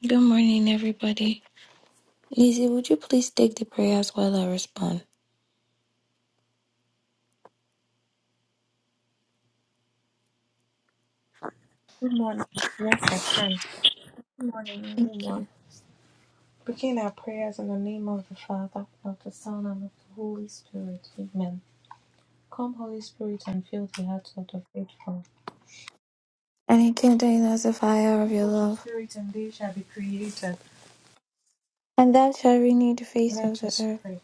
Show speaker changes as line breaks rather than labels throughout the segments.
Good morning, everybody. Lizzie, would you please take the prayers while I respond?
Good morning. Yes, I can. Good morning,
And
everyone. Begin our prayers in the name of the Father, of the Son, and of the Holy Spirit. Amen. Come, Holy Spirit, and fill the hearts of the faithful.
it came down as a fire of
Send
your
forth your
love,
Spirit, and they shall be created.
and thou shalt renew the face of
Let
the
us
earth.
pray.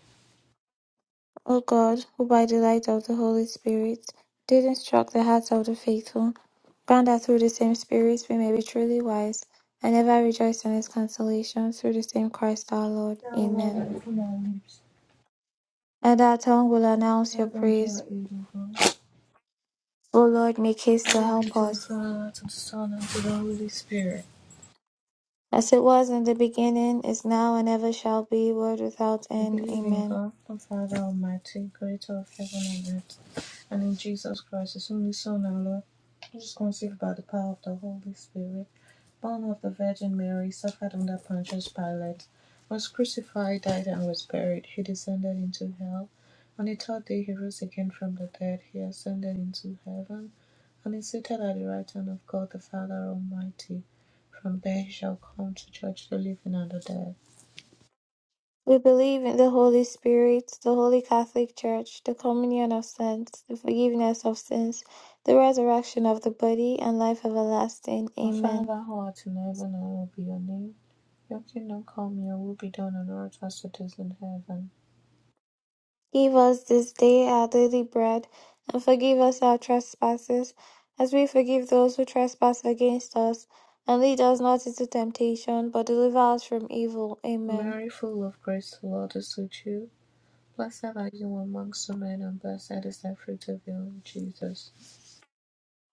O God, who by the light of the Holy Spirit did instruct the hearts of the faithful, grant that through the same Spirit we may be truly wise, and ever rejoice in his consolation through the same Christ our Lord.
Thou Lord,
Amen.
open our lips.
And our tongue will announce your
Add unto our
praise.
aid, O God.
O Lord, make haste to
Glory be
help
to the
us.
Father, to the Son, and to the Holy Spirit.
As it was in the beginning, is now, and ever shall be, world without
I
end.
believe in
Amen.
God, the Father Almighty, creator of heaven and earth, and in Jesus Christ, his only Son, our Lord, who was conceived by the power of the Holy Spirit, born of the Virgin Mary, suffered under Pontius Pilate, was crucified, died, and was buried. He descended into hell. On the third day, he rose again from the dead. He ascended into heaven, and is seated at the right hand of God, the Father Almighty. From there, he shall come to judge the living and the dead.
We believe in the Holy Spirit, the Holy Catholic Church, the communion of saints, the forgiveness of sins, the resurrection of the body, and life everlasting.
A
Amen.
father who art in heaven, hallowed be your name. Your kingdom come, your will be done on earth as it is in heaven.
Give us this day our daily bread, and forgive us our trespasses, as we forgive those who trespass against us. And lead us not into temptation, but deliver us from evil. Amen.
Mary, full of grace, the Lord is with you. Blessed are you amongst women, and blessed is the fruit of your womb, Jesus.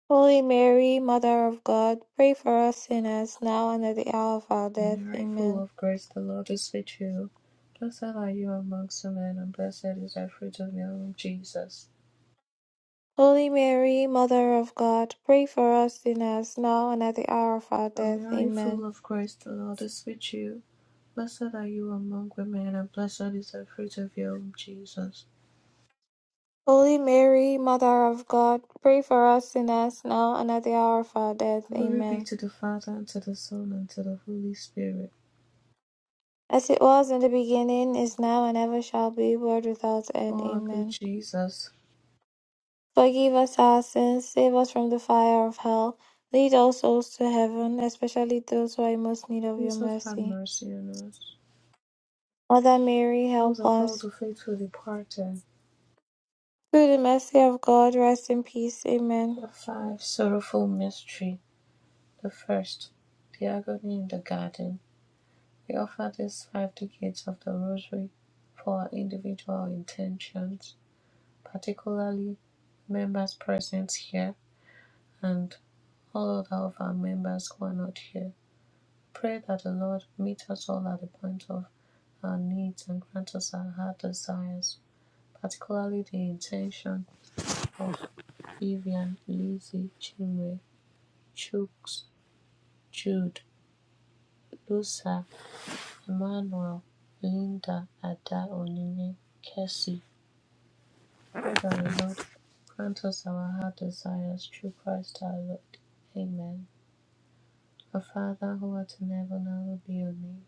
Holy Mary, Mother of God, pray for us sinners, now and at the hour of our death.
Mary, full
Amen.
of grace, the Lord is with you. Blessed are you amongst women, and blessed is the fruit of your womb, Jesus.
Holy Mary, Mother of God, pray for us sinners, now and at the hour of our death.
Mary,
Amen.
full of grace, the Lord is with you. Blessed are you among women, and blessed is the fruit of your womb, Jesus.
Holy Mary, Mother of God, pray for us sinners, now and at the hour of our death.
Glory be
Amen.
to the Father, and to the Son, and to the Holy Spirit.
As it was in the beginning, is now, and ever shall be, world without
O
end.
our good
Amen.
Jesus,
Forgive us our sins, save us from the fire of hell. Lead all souls to heaven, especially those who are in most need of your
Jesus have
mercy.
mercy on us.
Mother Mary,
Those
help
of all
us.
the faithful departed.
Through the mercy of God, rest in peace. Amen.
The five sorrowful mystery. The first, the agony in the garden. We offer these five decades of the Rosary for our individual intentions, particularly members present here and all other of our members who are not here. Pray that the Lord meet us all at the point of our needs and grant us our heart desires, particularly the intention of Vivian, Lizzie, Chinwe, Chooks, Jude, Lusa, Emmanuel, Linda, Ada, Onyinye, Kessie. O that the Lord, grant us our heart desires through Christ our Lord. Amen. Our Father who art in heaven, hallowed be your name.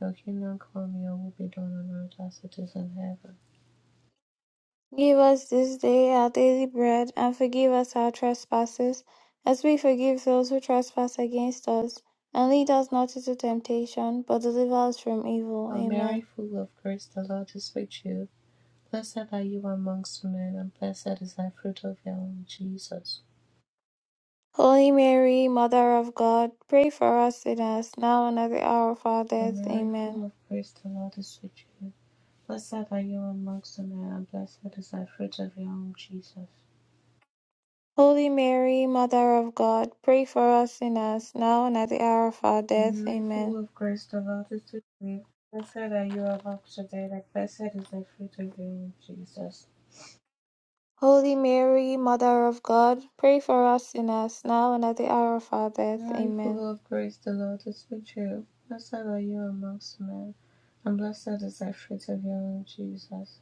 Your kingdom come, your will be done on earth as it is in heaven.
Give us this day our daily bread, and forgive us our trespasses, as we forgive those who trespass against us. And lead us not into temptation, but deliver us from evil.
O Mary,
Amen.
full of grace, the Lord is with you. Blessed are you amongst men, and blessed is thy fruit of your womb, Jesus.
Holy Mary, Mother of God, pray for us sinners, now and at the hour of our
O
death.
Mary,
Amen.
full of grace, the Lord is with you. Blessed are you amongst men, and blessed is thy fruit of your womb, Jesus.
Holy Mary, Mother of God, pray for us sinners, now and at the hour of our
O
death.
Mary,
Amen.
full of grace, the Lord is with you. Blessed are you amongst men, and blessed is thy fruit of your womb, Jesus.
Holy Mary, Mother of God, pray for us sinners, now and at the hour of our
O
death.
Mary,
Amen.
full of grace, the Lord is with you. Blessed are you amongst men, and blessed is thy fruit of your womb, Jesus.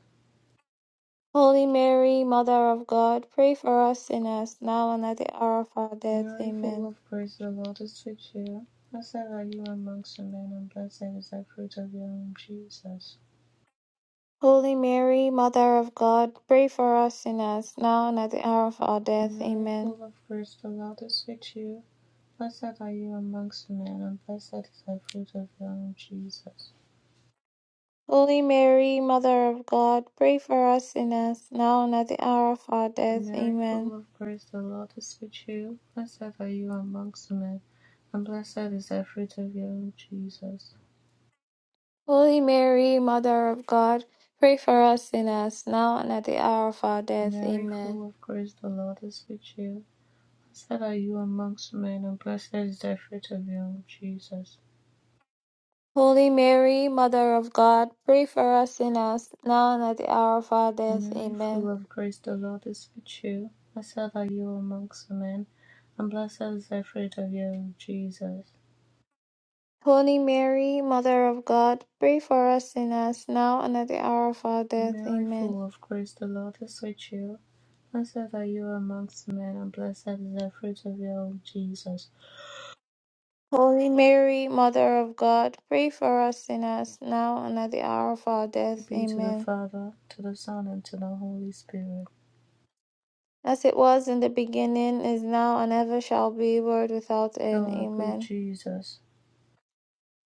Holy Mary, Mother of God, pray for us sinners, now and at the hour of our death.
Mary, full
Amen.
of grace, the Lord is with you. Blessed are you amongst women, and blessed is the fruit of your womb, Jesus.
Holy Mary, Mother of God, pray for us sinners, now and at the hour of our death.
Mary,
Amen.
full of grace, the Lord is with you. Blessed are you amongst men, and blessed is the fruit of your womb, Jesus.
Holy Mary, Mother of God, pray for us sinners, now and at the hour of our death.
Mary,
Amen.
full of grace, the Lord is with you. Blessed are you amongst men, and blessed is the fruit of your womb, Jesus.
Holy Mary, Mother of God, pray for us sinners, now and at the hour of our death.
Mary,
Amen.
full of grace, the Lord is with you. Blessed are you amongst men, and blessed is the fruit of your womb, Jesus.
Holy Mary, Mother of God, pray for us sinners, now and at the hour of our
O
death.
Mary,
Amen.
full of grace, the Lord is with you. Blessed are you amongst men, and blessed is the fruit of your womb, Jesus.
Holy Mary, Mother of God, pray for us sinners, now and at the hour of our
O
death.
Mary,
Amen.
full of grace, the Lord is with you. Blessed are you amongst men, and blessed is the fruit of your womb, Jesus.
Holy Mary, Mother of God, pray for us sinners, now and at the hour of our
Glory
death.
be to the
Amen.
Father, to the Son, and to the Holy Spirit.
As it was in the beginning, is now, and ever shall be, world without end.
O good
Amen.
Jesus,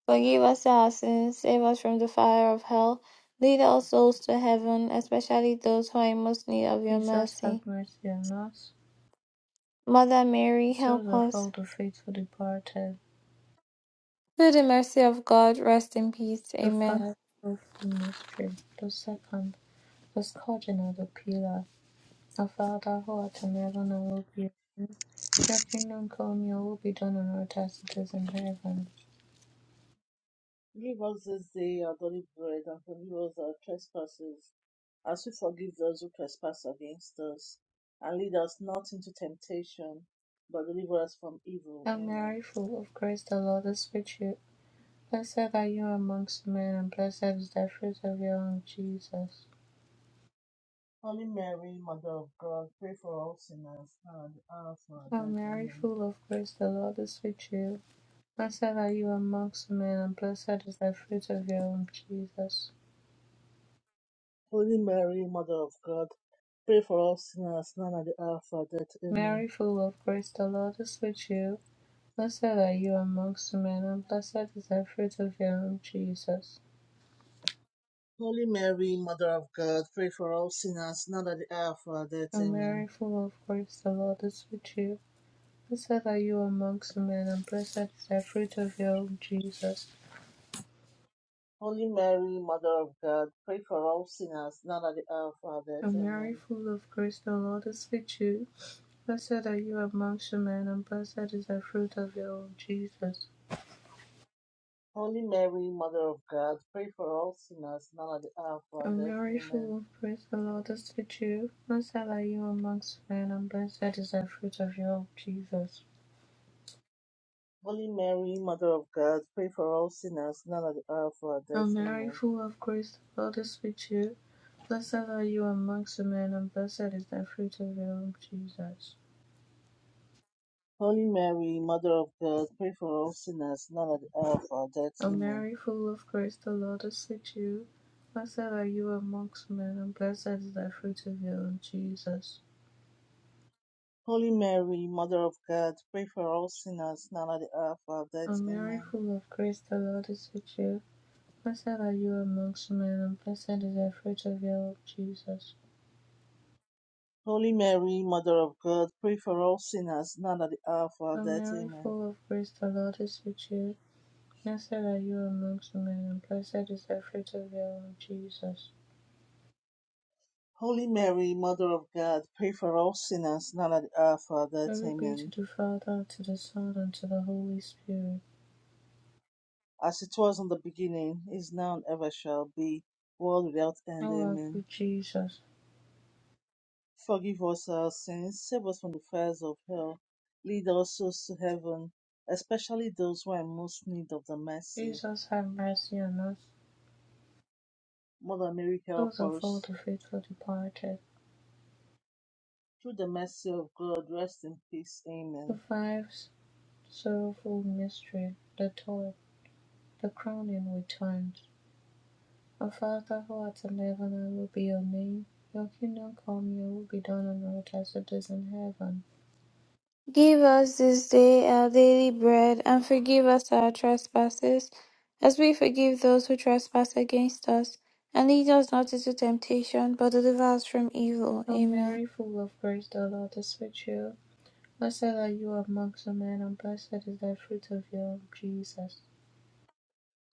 Forgive us our sins, save us from the fire of hell, lead all souls to heaven, especially those who are in most need of your
Jesus, have
mercy.
mercy on us,
Mother Mary,
the souls
help
of
us.
all the faithful departed,
Through the mercy of God, rest in peace.
the
Amen.
five of mystery, the second was Cardinal Opila of Idaho at Nairobi. Your kingdom come, your will be done on earth as it is in heaven.
Give us this day our daily bread, and forgive us our trespasses, as we forgive those who trespass against us. And lead us not into temptation, but deliver us from evil.
Hail
Amen.
Mary, full of grace, the Lord is with you. Blessed are you amongst men, and blessed is the fruit of your womb, Jesus.
Holy Mary, Mother of God, pray for all sinners, now and at the hour of our
Hail
death.
Mary,
Amen.
full of grace, the Lord is with you. Blessed are you amongst men, and blessed is the fruit of your womb, Jesus.
Holy Mary, Mother of God, pray for all sinners, now and at the hour of our death. Amen.
Mary, full of grace, the Lord is with you. Blessed are you amongst men, and blessed is the fruit of your womb, Jesus.
Holy Mary, Mother of God, pray for all sinners, now and at the hour of our death.
O
Amen.
Mary, full of grace, the Lord is with you. Blessed are you amongst men, and blessed is the fruit of your womb, Jesus.
Holy Mary, Mother of God, pray for all sinners, now at the hour of our death.
O Mary,
Amen.
full of grace, the Lord is with you. Blessed are you amongst men, and blessed is the fruit of your womb, Jesus.
Holy Mary, Mother of God, pray for all sinners, now at the hour of our
O
death.
Mary,
Amen.
full of grace, the Lord is with you. Blessed are you amongst men, and blessed is the fruit of your womb, Jesus.
Holy Mary, Mother of God, pray for all sinners, now at the hour of our
O
death.
Mary,
Amen.
full of grace, the Lord is with you. Blessed are you amongst men, and blessed is the fruit of your womb, Jesus.
Holy Mary, Mother of God, pray for all sinners, now at the hour of our death.
O
Amen.
Mary, full of grace, the Lord is with you. Blessed are you amongst men, and blessed is the fruit of your womb, Jesus.
Holy Mary, Mother of God, pray for all sinners, now at the hour of our death.
O Mary,
Amen.
full of grace, the Lord is with you. Blessed are you amongst men, and blessed is the fruit of your womb, Jesus.
Holy Mary, Mother of God, pray for all sinners, now at the hour of our
O
death.
Mary,
Amen.
full of grace, the Lord is with you. Blessed are you amongst men, and blessed is the fruit of your womb, Jesus.
Holy Mary, Mother of God, pray for us sinners now and at the hour of our death.
Glory be to
Amen.
the Father, to the Son, and to the Holy Spirit.
As it was in the beginning, is now, and ever shall be, world without end.
O our
Amen.
good Jesus,
Forgive us our sins, save us from the fires of hell, lead our souls to heaven, especially those who are in most need of the mercy.
Jesus have mercy on us,
Mother Mary, help
those of all
us.
the faithful departed.
Through the mercy of God, rest in peace. Amen.
The five sorrowful mystery, the toil, the crowning with times. Our Father who art in heaven, hallowed be your name. Your kingdom come, your will be done on earth as it is in heaven.
Give us this day our daily bread, and forgive us our trespasses, as we forgive those who trespass against us. And lead us not into temptation, but deliver us from evil.
O
Amen.
Mary, full of grace, the Lord is with you. Blessed are you amongst the men, and blessed is the fruit of your womb, Jesus.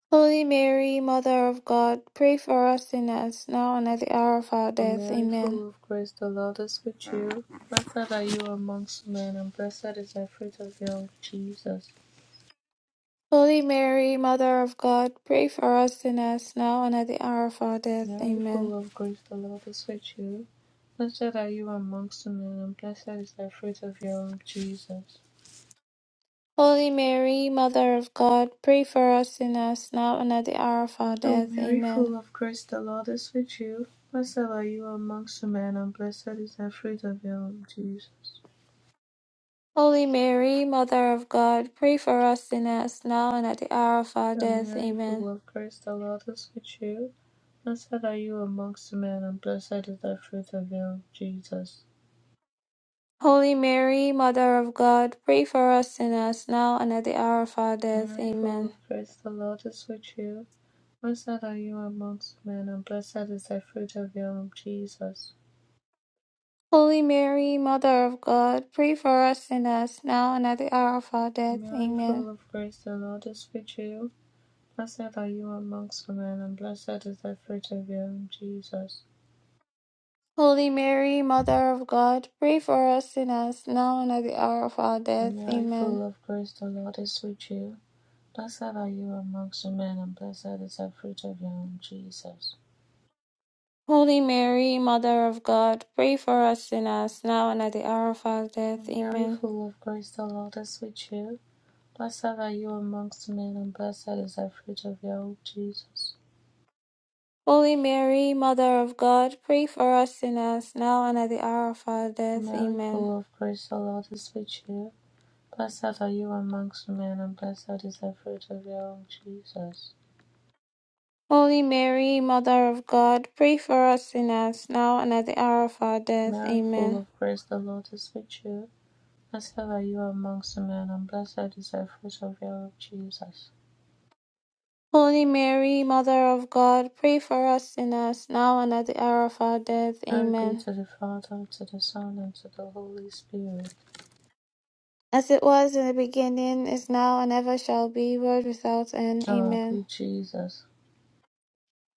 Holy Mary, Mother of God, pray for us sinners, now and at the hour of our
O
death.
Mary,
Amen.
full of grace, the Lord is with you. Blessed are you amongst men, and blessed is the fruit of your womb, Jesus.
Holy Mary, Mother of God, pray for us sinners, now and at the hour of our death.
Mary, full
Amen.
of grace, the Lord is with you. Blessed are you amongst men, and blessed is the fruit of your womb, Jesus.
Holy Mary, Mother of God, pray for us sinners, now and at the hour of our
O
death.
Mary,
Amen.
full of grace, the Lord is with you. Blessed are you amongst men, and blessed is the fruit of your womb, Jesus.
Holy Mary, Mother of God, pray for us sinners, now and at the hour of our
O
death.
Mary,
Amen.
full of grace, the Lord is with you. Blessed are you amongst men, and blessed is the fruit of your womb, Jesus.
Holy Mary, Mother of God, pray for us sinners, now and at the hour of our death.
Mary, full
Amen.
of grace, the Lord is with you. Blessed are you amongst men, and blessed is the fruit of your womb, Jesus.
Holy Mary, Mother of God, pray for us sinners, now and at the hour of our death.
Mary,
Amen.
full of grace, the Lord is with you. Blessed are you amongst men, and blessed is the fruit of your womb, Jesus.
Holy Mary, Mother of God, pray for us sinners, now and at the hour of our death.
Mary,
Amen.
full of grace, the Lord is with you. Blessed are you amongst men, and blessed is the fruit of your womb, Jesus.
Holy Mary, Mother of God, pray for us sinners, now and at the hour of our death.
Mary,
Amen.
full of grace, the Lord is with you. Blessed are you amongst men, and blessed is the fruit of your womb, Jesus.
Holy Mary, Mother of God, pray for us sinners, now and at the hour of our death.
Mary,
Amen.
full of grace, the Lord is with you. Blessed are you amongst women, and blessed is the fruit of your womb, Jesus.
Holy Mary, Mother of God, pray for us sinners, now and at the hour of our death.
Mary, full
Amen.
of grace, the Lord is with you. Blessed are you amongst women, and blessed is the fruit of your womb, Jesus.
Holy Mary, Mother of God, pray for us sinners, now and at the hour of our death.
Glory be
Amen.
to the Father, to the Son, and to the Holy Spirit.
As it was in the beginning, is now, and ever shall be, world without end.
O Our
Amen.
good Jesus,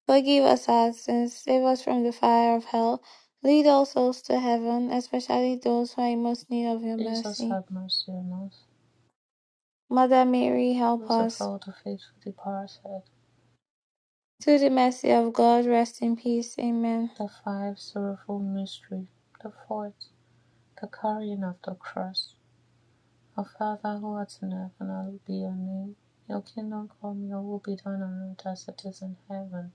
Forgive us our sins, save us from the fire of hell, lead all souls to heaven, especially those who are in most need of your
Jesus
mercy.
have mercy on us.
Mother Mary, help
Those of
us.
all the faithful departed,
To the mercy of God, rest in peace. Amen.
the five sorrowful mystery, the fourth, the carrying of the cross. Our Father who art in heaven, hallowed be your name. Your kingdom come, your will be done on earth as it is in heaven.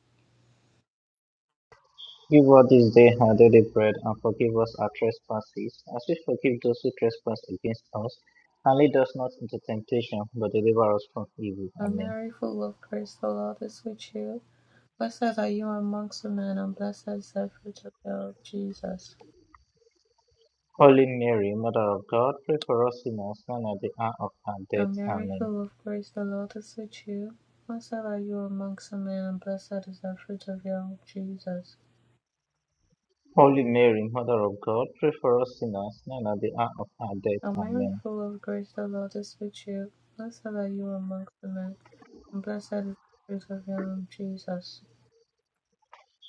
Give us this day our daily bread, and forgive us our trespasses, as we forgive those who trespass against us. And lead us not into temptation, but deliver us from evil.
O
Amen.
Mary, full of grace, the Lord is with you. Blessed are you amongst men, and blessed is the fruit of your womb, of Jesus.
Holy Mary, Mother of God, pray for us sinners, now and at the hour of our
O
death.
Mary,
Amen.
full of grace, the Lord is with you. Blessed are you amongst men, and blessed is the fruit of your womb, Jesus.
Holy Mary, Mother of God, pray for us sinners, now and at the hour of our death.
O Mary,
Amen.
full of grace, the Lord is with you. Blessed are you amongst men, and blessed is the fruit of your womb, Jesus.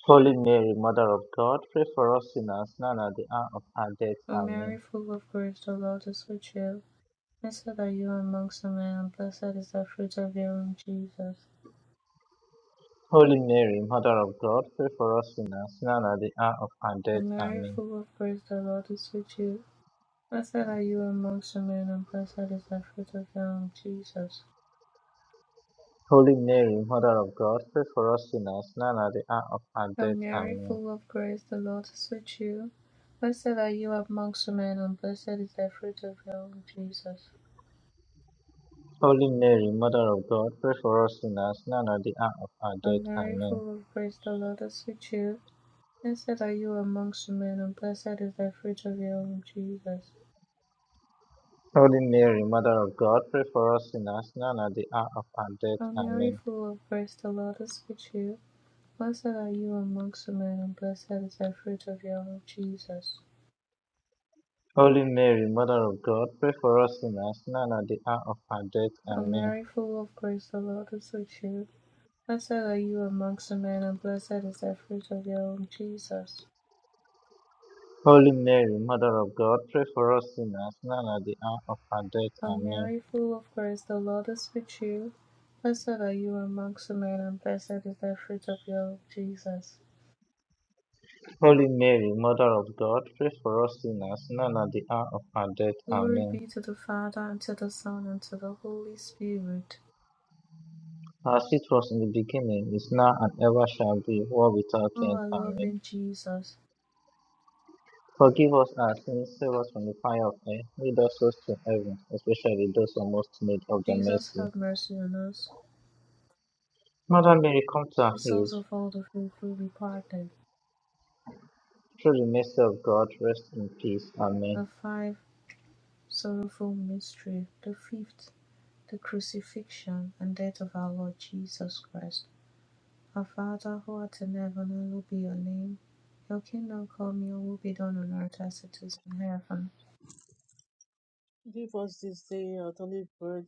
Holy Mary, Mother of God, pray for us sinners, now and at the hour of our death.
O
Amen.
Mary, full of grace, the Lord is with you. Blessed are you amongst women, and blessed is the fruit of your womb, Jesus.
Holy Mary, Mother of God, pray for us sinners, now at the hour of our
O
death.
Mary,
Amen.
full of grace, the Lord is with you. Blessed are you amongst women, and blessed is the fruit of your womb, Jesus.
Holy Mary, Mother of God, pray for us sinners, now and at the hour of our
O
death.
Mary,
Amen.
full of grace, the Lord is with you. Blessed are you amongst women, and blessed is the fruit of your womb, Jesus.
Holy Mary, Mother of God, pray for us sinners, now and at the hour of our
O
death.
Mary,
Amen.
full of grace, the Lord is with you. Blessed are you amongst women, and blessed is the fruit of your womb, Jesus.
Holy Mary, Mother of God, pray for us sinners, now and at the hour of our death.
O Mary,
Amen.
full of grace, the Lord is with you. Blessed are you amongst men, and blessed is the fruit of your womb, Jesus.
Holy Mary, Mother of God, pray for us sinners, now and at the hour of our death.
O
Amen.
Mary, full of grace, the Lord is with you. Blessed are you amongst men, and blessed is the fruit of your womb, Jesus.
Holy Mary, Mother of God, pray for us sinners, now and at the hour of our death.
O
Amen.
Mary, full of grace, the Lord is with you. Blessed are you amongst men, and blessed is the fruit of your womb, Jesus.
Holy Mary, Mother of God, pray for us sinners, now and at the hour of our death.
Glory
Amen.
be to the Father, and to the Son, and to the Holy Spirit.
As it was in the beginning, is now, and ever shall be, world without
O
end.
our
Amen.
loving Jesus.
Forgive us our sins, save us from the fire of hell, lead us souls to heaven, especially those who most need of the
Jesus
mercy.
have mercy on us.
Mother Mary, come to our
The
aid.
souls of all the faithful departed.
Through the mercy of God, rest in peace. Amen.
The five sorrowful mystery. The fifth, the crucifixion and death of our Lord Jesus Christ. Our Father who art in heaven, hallowed be your name. Your kingdom come, your will be done on earth as it is in heaven.
Give us this day our daily bread,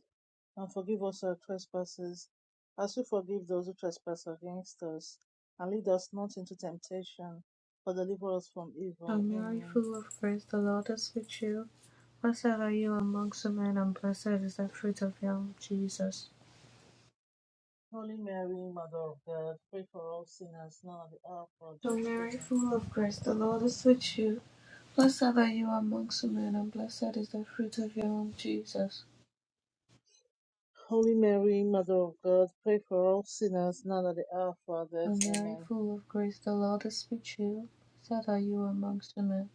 and forgive us our trespasses, as we forgive those who trespass against us. And lead us not into temptation, but deliver us from
Hail
evil.
Mary,
Amen.
full of grace, the Lord is with you. Blessed are you amongst women, and blessed is the fruit of your womb, Jesus.
Holy Mary, Mother of God, pray for all sinners now and at the hour of our
Hail
death.
Mary,
Amen.
full of grace, the Lord is with you. Blessed are you amongst men, and blessed is the fruit of your womb, Jesus.
Holy Mary, Mother of God, pray for all sinners now and at the hour of our death.
O Mary,
Amen.
full of grace, the Lord is with you. Blessed are you amongst men,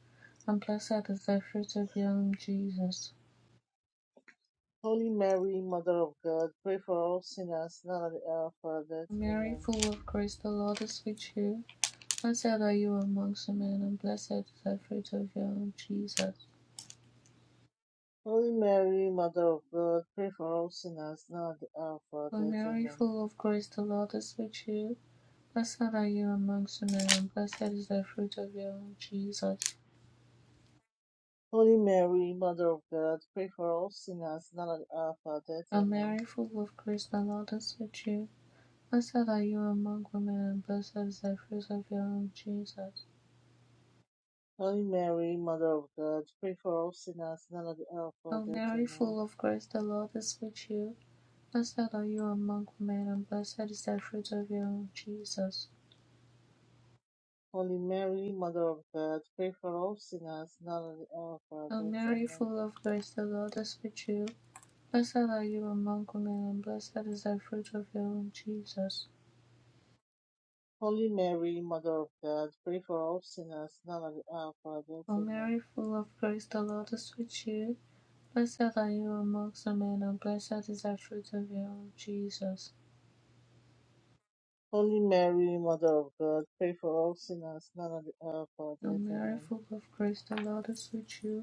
and blessed is the fruit of your womb, Jesus.
Holy Mary, Mother of God, pray for all sinners now and at the hour of our death.
O Mary,
Amen.
full of grace, the Lord is with you. Blessed are you amongst men, and blessed is the fruit of your womb, Jesus.
Holy Mary, Mother of God, pray for all sinners now and at the hour of our
O
death.
Mary,
Amen.
full of grace, the Lord is with you. Blessed are you amongst men, and blessed is the fruit of your womb, Jesus.
Holy Mary, Mother of God, pray for all sinners now and at the hour of our death.
O
Amen.
Mary, full of grace, the Lord is with you. Blessed are you among women, and blessed is the fruit of your womb, Jesus.
Holy Mary, Mother of God, pray for all sinners now and at the hour of our
O
death.
Mary,
Amen.
full of grace, the Lord is with you. Blessed are you among women, and blessed is the fruit of your womb, Jesus.
Holy Mary, Mother of God, pray for all sinners now at the hour of our
O
death.
Mary,
Amen.
full of grace, the Lord is with you. Blessed are you among women, and blessed is the fruit of your womb, Jesus.
Holy Mary, Mother of God, pray for all sinners now and at the hour of our death.
O
Amen.
Mary, full of grace, the Lord is with you. Blessed are you amongst women, and blessed is the fruit of your womb, Jesus.
Holy Mary, Mother of God, pray for all sinners, now and at the hour of our
O
death.
Mary,
Amen.
full of grace, the Lord is with you.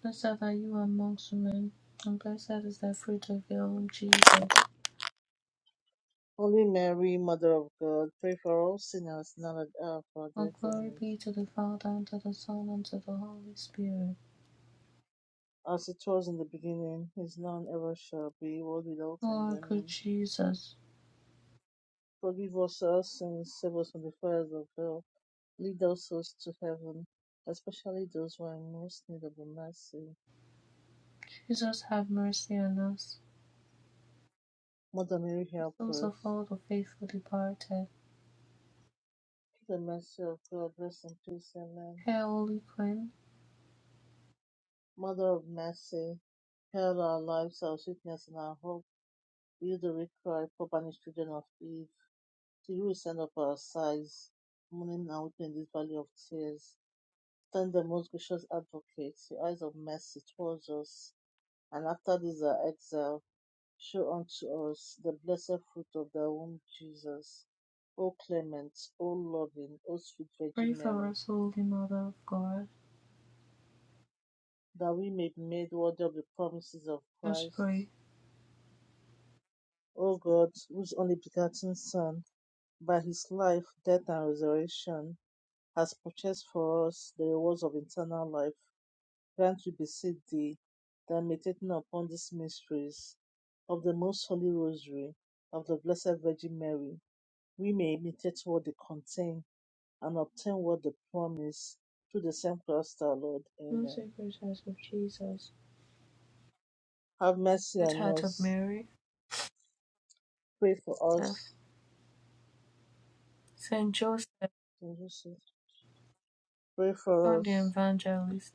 Blessed are you amongst women, and blessed is the fruit of your womb, Jesus.
Holy Mary, Mother of God, pray for all sinners, now and at the hour of our
All
death.
glory
Amen.
be to the Father, and to the Son, and to the Holy Spirit.
As it was in the beginning, is now and ever shall be, world without
O
end.
our good
Amen.
Jesus,
Forgive us our sins, save us from the fires of hell, lead our souls to heaven, especially those who are in most need of the mercy.
Jesus have mercy on us,
Mother Mary,
the
help
souls
us.
of all the faithful departed.
Through the mercy of God, rest in peace. Amen.
Hail, Holy Queen,
Mother of mercy, hail our lives, our sweetness, and our hope. You, the weak cry for banished children of Eve, to you we send up our sighs, mourning and weeping in this valley of tears. Send the most gracious advocate, your eyes of mercy towards us, and after this our exile, show unto us the blessed fruit of thy womb, Jesus. O clement, O loving, O sweet
pray
Virgin
for
Mary,
us, Holy Mother of God.
that we may be made worthy of the promises of
Let's
Christ
pray.
O God, whose only begotten Son, by his life, death, and resurrection, has purchased for us the rewards of eternal life, grant we beseech thee that meditating upon these mysteries of the most holy rosary of the Blessed Virgin Mary, we may imitate what they contain and obtain what they promise through the same Christ our Lord.
Through
Amen.
sacred heart of Jesus,
Have mercy
good
on
heart of
us.
Mary,
Pray for
of
us.
Saint Joseph,
Pray for
John the
us.
Evangelist,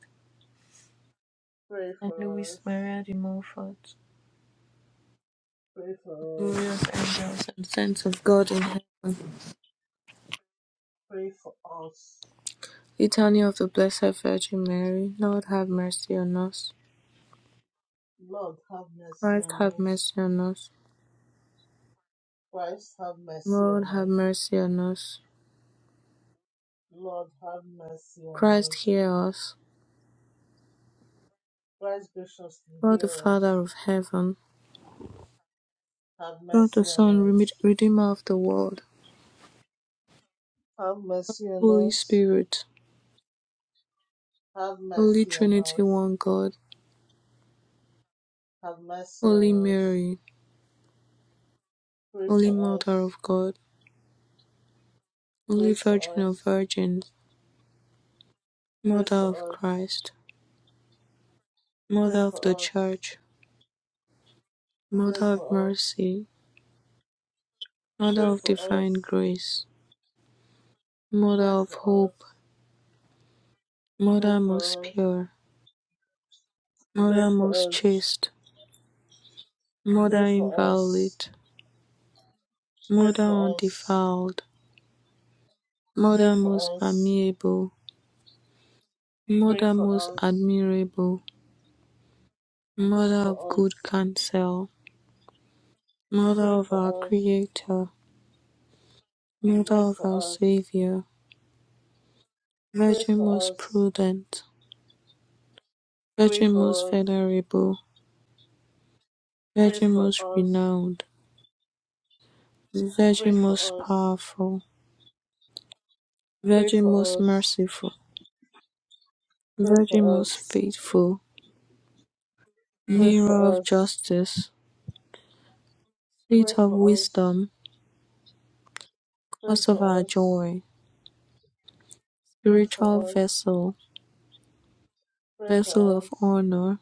Pray
and
for
Louis
us.
Maria de Montfort.
Pray for us.
glorious angels and saints of God in heaven.
Pray for us.
Litany of the Blessed Virgin Mary. Lord have mercy on us.
Lord, have mercy
Christ
on
have
us.
mercy on us.
Christ, have mercy
Lord
on
have
us.
mercy on us.
Lord, have mercy on
Christ
us.
hear us.
Christ, graciously
God the
hear us.
Father of heaven.
Have
God
mercy
the
on
Son,
us.
Redeemer of the world.
Have mercy on
Holy
us.
Spirit.
Have
Holy
mercy on
Trinity,
us.
one God.
Have mercy
Holy
on us.
Mary.
Pray
Holy
for
Mother
us.
of God. Holy
Pray
Virgin
for
of
us.
Virgins.
Pray
Mother of
for us.
Christ.
Pray
Mother of the
for us.
Church.
Pray
Mother of
for us.
Mercy. Mother
Pray
of
for
divine
us.
grace, Mother
Pray
of
for us.
hope,
Pray
Mother most
for us.
pure,
Pray
Mother
for
most
us.
chaste,
Pray
Mother
for us.
inviolate,
Pray
Mother
for us.
undefiled,
Pray
Mother most
for us.
amiable,
Pray
Mother
for
most
us.
admirable,
Pray
Mother of
for
good
us.
counsel, Mother
Pray
of our
for us.
Creator, Mother
Pray
of our
for us.
Savior,
Pray
Virgin
for
most
us.
prudent,
Pray
Virgin most
for us.
venerable,
Pray
Virgin most
for us.
renowned, Virgin
Pray
most
for us.
powerful.
Pray
Virgin
for
most
us.
merciful,
Pray
Virgin
for
most
us.
faithful,
Pray
Mirror
for
of
us.
justice,
Pray
Seat of
for us.
wisdom,
Pray
Cause of our
for us.
joy,
Pray
Spiritual
for us.
vessel,
Pray
Vessel
for
of
us.
honor,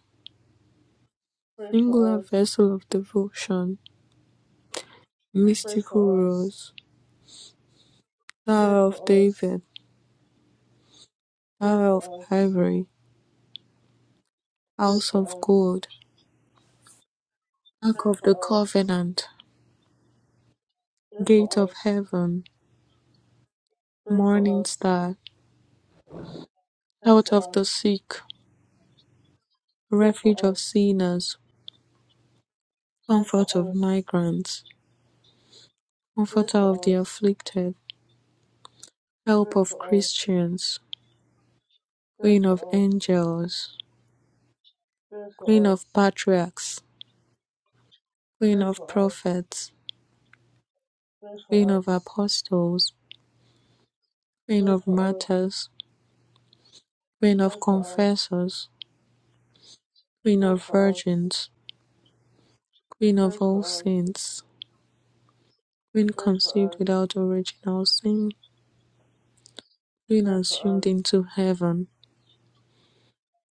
Pray for
Singular
us.
vessel of devotion,
Pray
Mystical
for us.
rose,
Pray
Tower of
for us.
David,
Pray
Tower of
for us.
ivory,
Pray
House
for
of
us.
gold, Ark
Pray
of
for
the
us.
covenant,
Pray for
Gate of
us.
heaven,
Pray for
Morning
us.
star,
Pray
Health
for
of the
us.
sick,
Pray for
Refuge of
us.
sinners,
Pray for
Comfort of
us.
migrants
Pray
Comforter
for
of the
us.
afflicted, Help of Christians,
Pray
Queen
for
of
us.
Angels,
Pray for
Queen
us.
of Patriarchs, Queen
Pray
of
for us.
Prophets,
Pray for us. Pray for
Queen of
us.
Apostles, Queen
Pray
of
for us.
Martyrs, Queen
Pray
of
for us.
Confessors, Queen
Pray for us. Pray
of Virgins, Queen of All Saints, Queen
for
conceived without
us.
original sin, Queen
Pray for
assumed
us.
into heaven,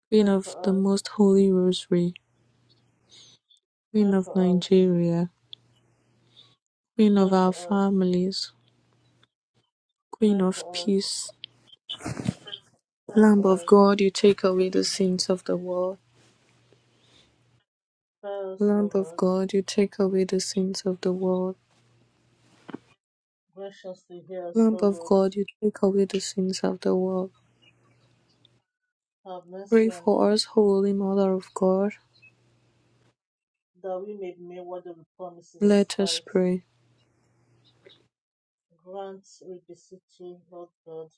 Queen
Pray for us. Pray for
of the
us.
Most Holy Rosary,
Pray
Queen of
for us.
Nigeria, Queen
Pray
of our
for us.
families,
Pray
Queen of
for us.
Peace.
Pray
Lamb
for
of
us.
God, you take away the sins of the world.
pray, us,
Lamb
O
of
Lord.
God, you take away the sins of the world.
Graciously hear us,
Lamb
O
of
Lord.
God, you take away the sins of the world.
Have mercy
Pray
on
for us,
us,
Holy Mother of God.
that we may be made worthy of the promises of
Let us
Christ.
pray.
Grant, we beseech you, Lord God,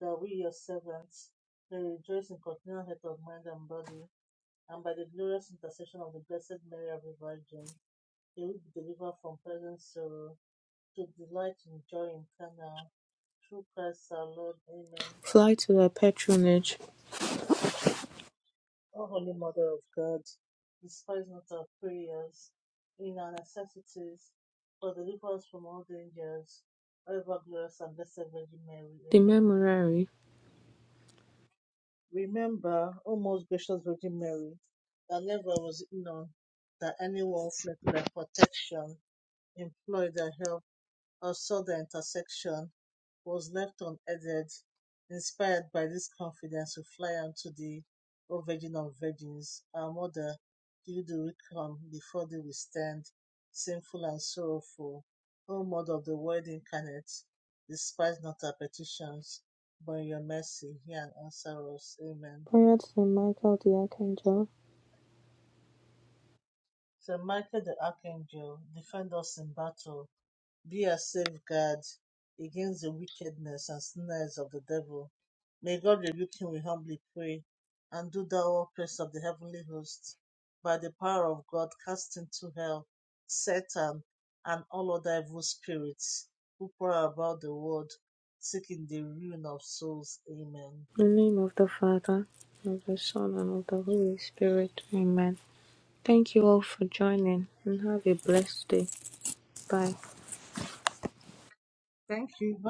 that we, your servants, may rejoice in continual health of mind and body, and by the glorious intercession of the Blessed Mary, Ever Virgin, may we be delivered from present sorrow, to delight in joy eternal. Through Christ our Lord. Amen.
Fly to thy patronage,
O Holy Mother of God, despise not our prayers in our necessities, but deliver us from all dangers. O ever glorious and blessed Virgin Mary,
the
Amen.
Memorare.
Remember, O most gracious Virgin Mary, that never was it known that anyone fled to thy protection, employed their help, or sought thy intercession was left unaided, inspired by this confidence, we fly unto thee, O Virgin of Virgins, our Mother. To you do we come, before thee we stand, sinful and sorrowful. O Mother of the Word incarnate, despise not our petitions, but in your mercy hear and answer us. Amen.
Prayer to Saint Michael the Archangel.
Saint Michael the Archangel, defend us in battle be a safeguard against the wickedness and snares of the devil. May God rebuke him, we humbly pray. And do thou, O Prince of the heavenly hosts, by the power of God, cast into hell Satan and all other evil spirits who prowl about the world, seeking the ruin of souls. Amen.
In the name of the Father, of the Son, and of the Holy Spirit. Amen. Thank you all for joining, and have a blessed day. Bye.
Thank you.